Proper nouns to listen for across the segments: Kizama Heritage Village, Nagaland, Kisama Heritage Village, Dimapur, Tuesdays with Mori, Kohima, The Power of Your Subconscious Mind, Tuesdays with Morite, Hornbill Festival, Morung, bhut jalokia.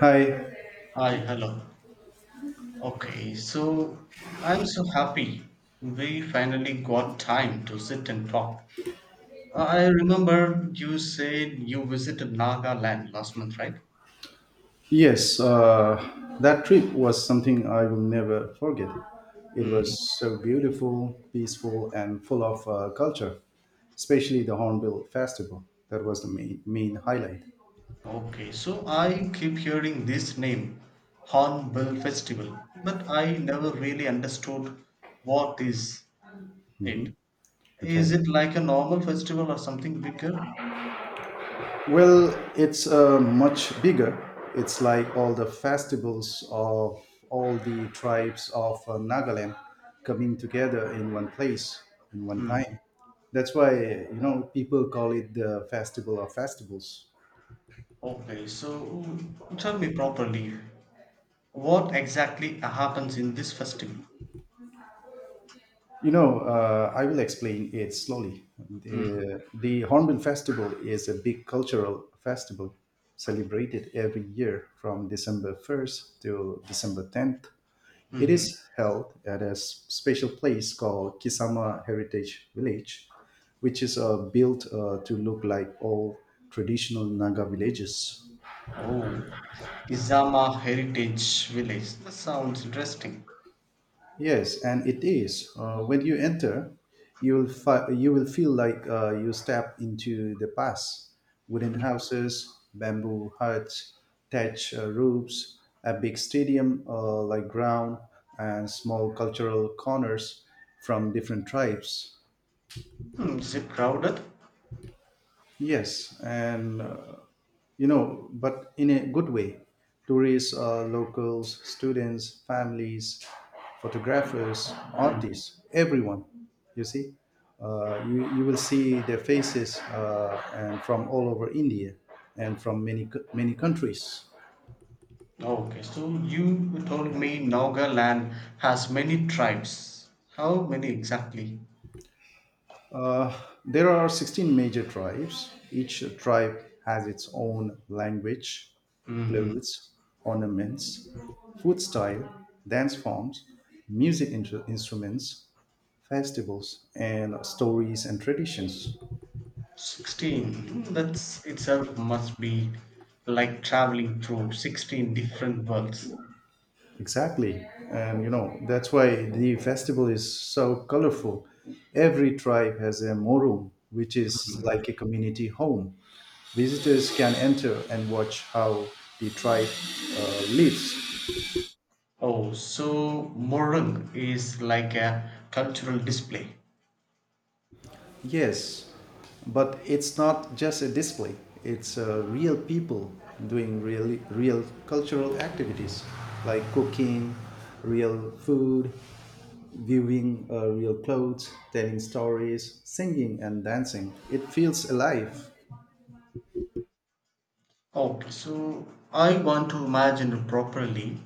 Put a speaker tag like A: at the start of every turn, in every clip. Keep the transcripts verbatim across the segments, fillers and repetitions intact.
A: Hi.
B: Hi, hello. Okay, so I'm so happy we finally got time to sit and talk. I remember you said you visited Nagaland last month, right?
A: Yes, uh, that trip was something I will never forget. It
B: Hmm.
A: was so beautiful, peaceful, and full of uh, culture, especially the Hornbill Festival. That was the main, main highlight.
B: Okay, so I keep hearing this name, Hornbill Festival, but I never really understood what is it. Is
A: Okay.
B: it like a normal festival or something bigger?
A: Well, it's uh, much bigger. It's like all the festivals of all the tribes of uh, Nagaland coming together in one place, in one time. That's why, you know, people call it the Festival of Festivals.
B: Okay, so tell me properly, what exactly happens in this festival?
A: You know, uh, I will explain it slowly.
B: Mhm,
A: The, the Hornbill Festival is a big cultural festival celebrated every year from December first to December tenth. It
B: mhm.
A: is held at a s- special place called Kisama Heritage Village, which is uh, built uh, to look like old traditional Naga villages.
B: Oh, Kizama Heritage Village. That sounds interesting.
A: Yes, and it is. Uh, when you enter, you will fi- you will feel like uh, you step into the past. Wooden houses, bamboo huts, thatch uh, roofs, a big stadium uh, like ground, and small cultural corners from different tribes.
B: Hmm, is it crowded?
A: Yes, and uh, you know, but in a good way. Tourists, uh, locals, students, families, photographers,
B: Hmm.
A: artists, everyone, you see. Uh, you, you will see their faces uh, and from all over India and from many, co- many countries.
B: Okay, so you told me Nagaland has many tribes. How many exactly?
A: Uh, there are sixteen major tribes. Each tribe has its own language,
B: Hmm.
A: clothes, ornaments, food style, dance forms, music in- instruments, festivals and stories and traditions.
B: sixteen. Hmm, that's itself must be like traveling through sixteen different worlds.
A: Exactly, and you know that's why the festival is so colorful. Every tribe has a morum, which is like a community home. Visitors can enter and watch how the tribe uh, lives.
B: Oh, so Morung is like a cultural display.
A: Yes, but it's not just a display. It's uh, real people doing real, real cultural activities like cooking, real food, viewing uh, real clothes, telling stories, singing and dancing. It feels alive.
B: Okay, so I want to imagine properly.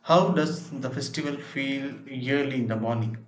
B: How does the festival feel yearly in the morning?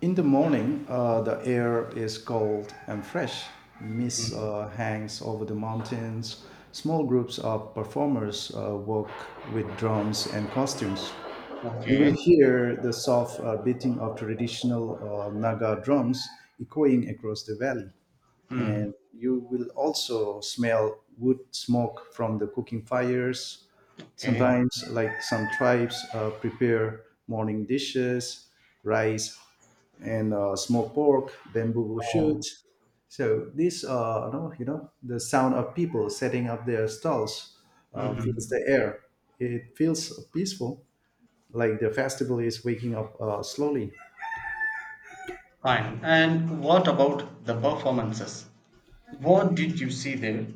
A: In the morning, uh, the air is cold and fresh. Mist
B: Mm.
A: uh, hangs over the mountains. Small groups of performers uh, work with drums and costumes. You
B: Okay.
A: will hear the soft uh, beating of traditional uh, Naga drums echoing across the valley.
B: Mm.
A: And you will also smell wood smoke from the cooking fires.
B: Okay.
A: Sometimes, like some tribes, uh, prepare morning dishes, rice, and uh, smoked pork, bamboo
B: Oh.
A: shoots. So this, uh, no, you know, the sound of people setting up their stalls uh, fills
B: Hmm.
A: the air. It feels peaceful, like the festival is waking up uh, slowly.
B: Fine. And what about the performances? What did you see there?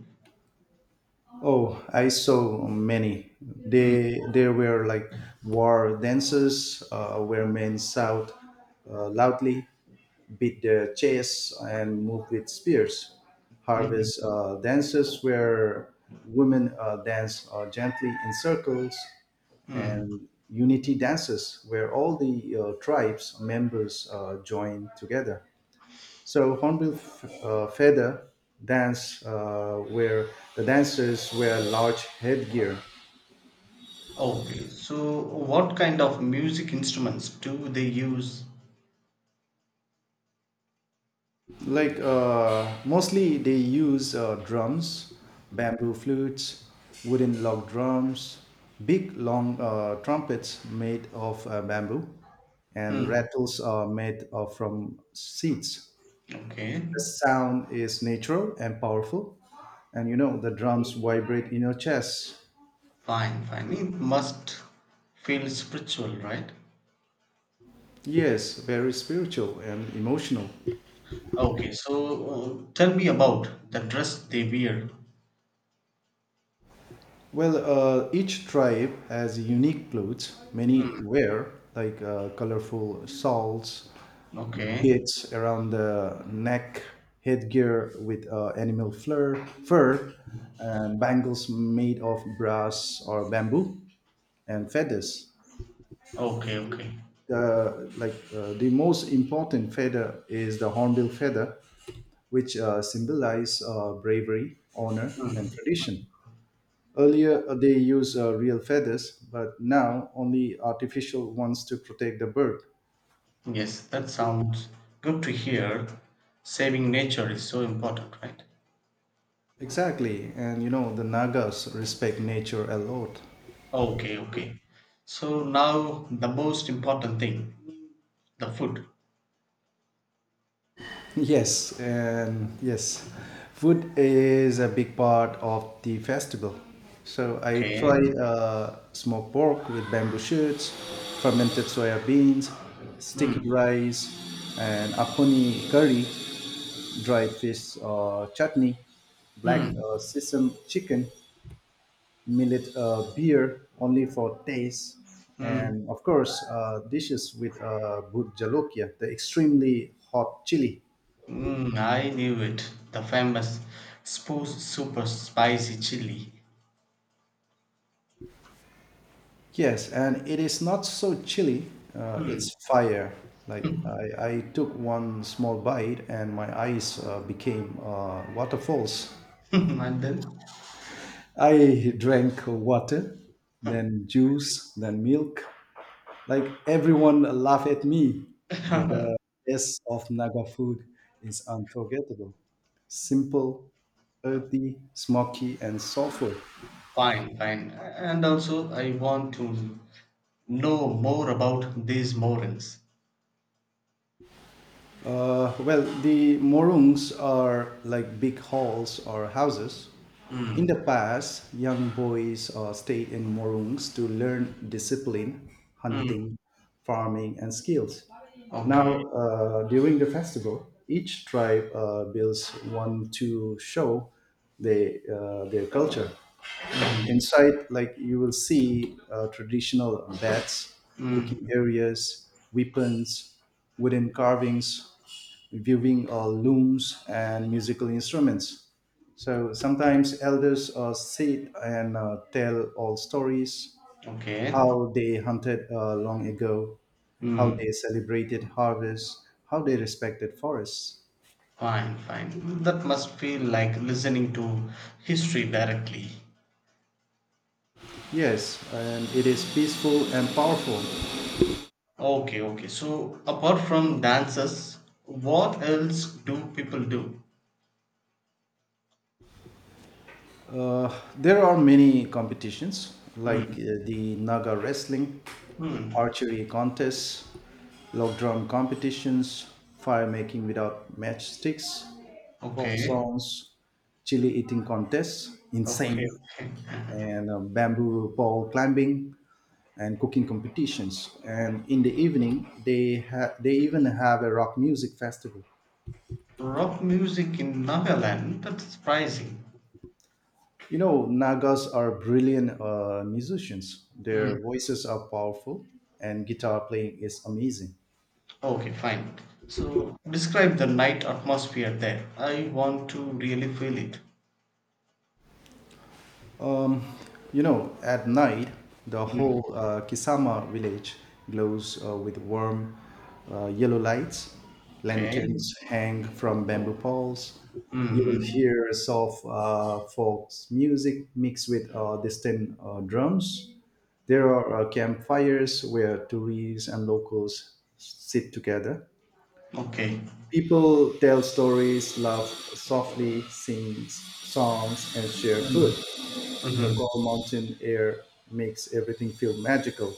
A: Oh, I saw many.
B: Mm.
A: They there were like war dances uh, where men shout uh, loudly, beat their chests, and move with spears.
B: Hmm.
A: Harvest uh, dances where women uh, dance uh, gently in circles,
B: Mm.
A: and unity dances where all the uh, tribes members uh, join together. So hornbill f- uh, feather dance, uh, where the dancers wear large headgear.
B: Okay. So what kind of music instruments do they use?
A: Like uh, mostly they use uh, drums, bamboo flutes, wooden log drums, big long uh, trumpets made of uh, bamboo, and
B: Mm.
A: rattles are made of from seeds.
B: Okay.
A: The sound is natural and powerful, and you know the drums vibrate in your chest.
B: Fine. Fine. It must feel spiritual, right?
A: Yes, very spiritual and emotional.
B: Okay, so uh, tell me about the dress they wear.
A: Well, uh, each tribe has unique clothes.
B: Hmm,
A: Many wear like uh, colorful shawls,
B: okay,
A: bits around the neck, headgear with uh, animal fur, fur, and bangles made of brass or bamboo, and feathers.
B: okay, okay.
A: The like uh, the most important feather is the hornbill feather, which uh, symbolize uh, bravery, honor, and
B: Hmm.
A: tradition. Earlier, uh, they used uh, real feathers, but now only artificial ones to protect the bird.
B: Yes, that sounds good to hear. Saving nature is so important, right?
A: Exactly, and you know, the Nagas respect nature a lot.
B: Okay, okay. So now the most important thing, the food.
A: Yes, and yes, food is a big part of the festival. So I
B: Okay.
A: tried uh, smoked pork with bamboo shoots, fermented soya beans, sticky
B: Hmm.
A: rice, and aponi curry, dried fish uh, chutney, black
B: Hmm.
A: uh, sesame chicken, millet uh, beer only for taste,
B: Hmm.
A: and of course uh, dishes with uh, bhut jalokia, the extremely hot chili.
B: Mm, I knew it. The famous spo- super spicy chili.
A: Yes, and it is not so chilly. Uh,
B: Hmm.
A: it's fire. Like I, I took one small bite and my eyes uh, became uh, waterfalls.
B: And then?
A: I drank water, then juice, then milk. Like everyone laughed at me, but the taste of Naga food is unforgettable. Simple, earthy, smoky, and soulful.
B: Fine, fine. And also, I want to know more about these morals.
A: Uh, well, the morungs are like big halls or houses. In
B: Mm,
A: the past, young boys uh, stayed in morungs to learn discipline,
B: mm,
A: hunting, farming, and skills.
B: okay.
A: Now, uh, during the festival, each tribe uh, builds one to show they, uh, their culture.
B: Mm,
A: Inside, like, you will see uh, traditional beds, cooking
B: mm,
A: areas, weapons, wooden carvings, viewing uh, looms, and musical instruments. So sometimes elders uh, sit and uh, tell old stories:
B: okay.
A: how they hunted uh, long ago, how
B: Mm,
A: they celebrated harvests, how they respected forests.
B: fine, fine. That must feel like listening to history directly.
A: Yes, and it is peaceful and powerful.
B: Okay, okay. So, apart from dances, what else do people do?
A: Uh, there are many competitions like
B: Hmm.
A: uh, the Naga wrestling,
B: Hmm.
A: archery contests, log drum competitions, fire making without matchsticks, folk
B: Okay,
A: songs, chili eating contests,
B: okay.
A: insane, and uh, bamboo pole climbing and cooking competitions. And in the evening, they ha- they even have a rock music festival.
B: Rock music in Nagaland, that's surprising.
A: You know, Nagas are brilliant uh, musicians.
B: Hmm.
A: Their voices are powerful, and guitar playing is amazing.
B: Okay, fine. So describe the night atmosphere there. I want to really feel it.
A: Um, you know, at night, the
B: Mm.
A: whole uh, Kisama village glows uh, with warm uh, yellow lights.
B: Okay.
A: Lanterns hang from bamboo poles. You will
B: Mm-hmm.
A: hear soft uh, folk music mixed with uh, distant uh, drums. There are uh, campfires where tourists and locals sit together.
B: Okay.
A: People tell stories, laugh softly, sing songs, and share food.
B: Mm.
A: The
B: Mm-hmm.
A: cold mountain air makes everything feel magical.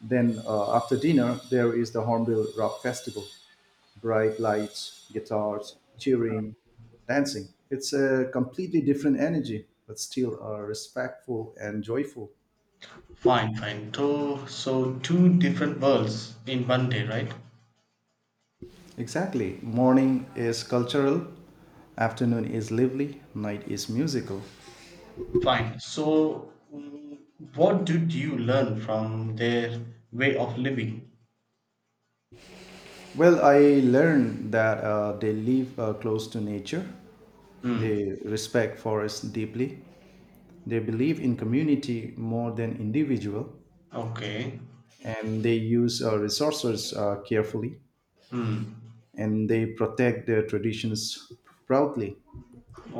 A: Then, uh, after dinner, there is the Hornbill Rock Festival: bright lights, guitars, cheering, dancing. It's a completely different energy, but still uh, respectful and joyful.
B: Fine, fine. So, so two different worlds in one day, right?
A: Exactly. Morning is cultural, afternoon is lively, night is musical.
B: Fine. So, mm, what did you learn from their way of living?
A: Well, I learned that uh, they live uh, close to nature.
B: Mm.
A: They respect forests deeply. They believe in community more than individual,
B: Okay.
A: and they use uh, resources uh, carefully.
B: Mm.
A: And they protect their traditions proudly.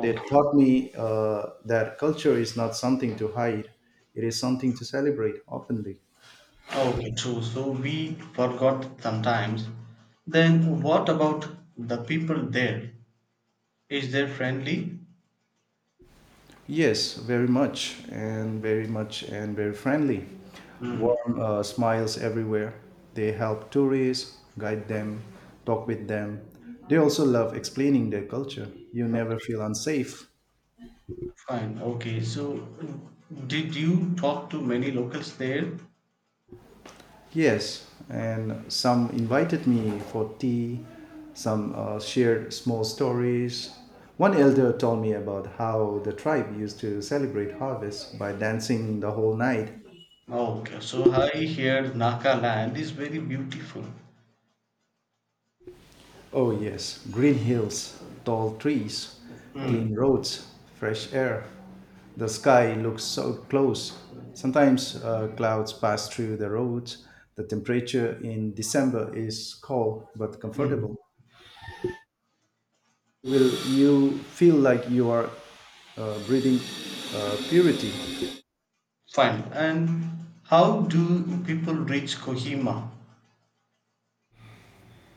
A: They taught me uh, that culture is not something to hide; it is something to celebrate openly.
B: Okay, true. So we forgot sometimes. Then what about the people there? Is they friendly?
A: Yes, very much, and very much, and very friendly.
B: Mm.
A: Warm uh, smiles everywhere. They help tourists, guide them, talk with them. They also love explaining their culture. You never
B: Okay,
A: feel unsafe.
B: fine. Okay, so did you talk to many locals there?
A: Yes, and some invited me for tea, some uh, shared small stories. One elder told me about how the tribe used to celebrate harvest by dancing the whole night.
B: Okay, so I hear Naka land is very beautiful.
A: Oh, yes, green hills, tall trees,
B: Mm.
A: clean roads, fresh air. The sky looks so close. Sometimes uh, clouds pass through the roads. The temperature in December is cold but comfortable.
B: Mm.
A: Will you feel like you are uh, breathing uh, purity?
B: Fine. And how do people reach Kohima?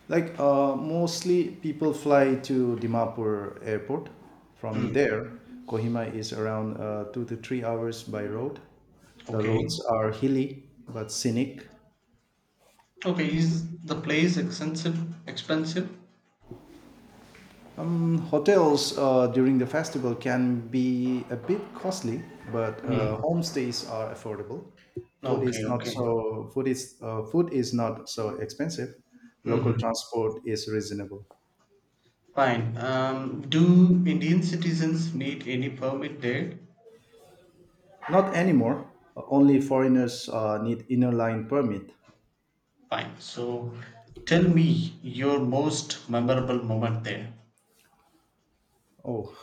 A: Like uh, mostly people fly to Dimapur airport. From
B: Mm.
A: there, Kohima is around uh, two to three hours by road. The
B: Okay.
A: roads are hilly but scenic.
B: Okay, is the place expensive? Expensive?
A: Hotels uh, during the festival can be a bit costly, but uh,
B: Mm.
A: homestays are affordable. Food
B: Okay,
A: is not
B: okay.
A: so food is uh, food is not so expensive.
B: Hmm.
A: Local transport is reasonable.
B: Fine. Um, do Indian citizens need any permit there?
A: Not anymore. Only foreigners uh, need inner line permit.
B: Fine. So tell me your most memorable moment there.
A: Oh,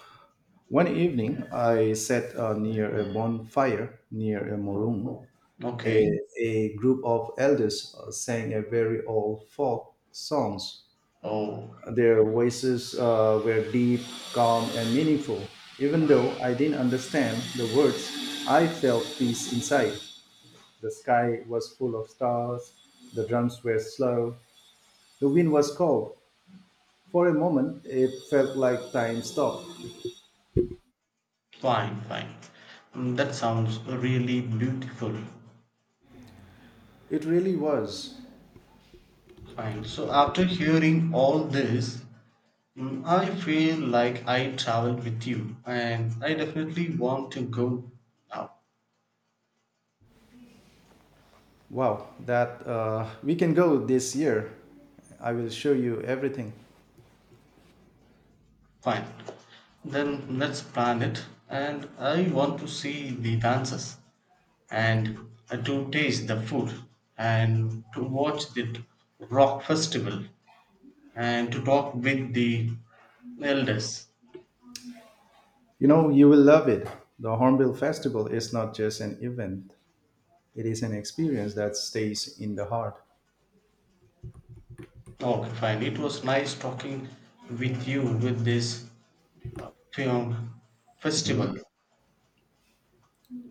A: one evening I sat uh, near a bonfire near a maroon.
B: Okay.
A: A, a group of elders uh, sang a very old folk songs.
B: Oh,
A: Their voices uh, were deep, calm, and meaningful. Even though I didn't understand the words, I felt peace inside. The sky was full of stars, the drums were slow, the wind was cold. For a moment, it felt like time stopped.
B: fine, fine. Mm, that sounds really beautiful.
A: It really was.
B: Fine. So after hearing all this, mm, I feel like I traveled with you and I definitely want to go now.
A: Wow, that uh, we can go this year. I will show you everything.
B: Fine. Then let's plan it. And I want to see the dances and uh, to taste the food and to watch the rock festival and to talk with the elders.
A: You know, you will love it. The Hornbill Festival is not just an event, it is an experience that stays in the heart.
B: Okay, fine. It was nice talking with you with this uh, film festival.
A: Mhm.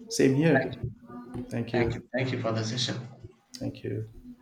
A: Same
B: Thank you.
A: here. Thank
B: Thank you.
A: you.
B: Thank you for the session.
A: Thank you.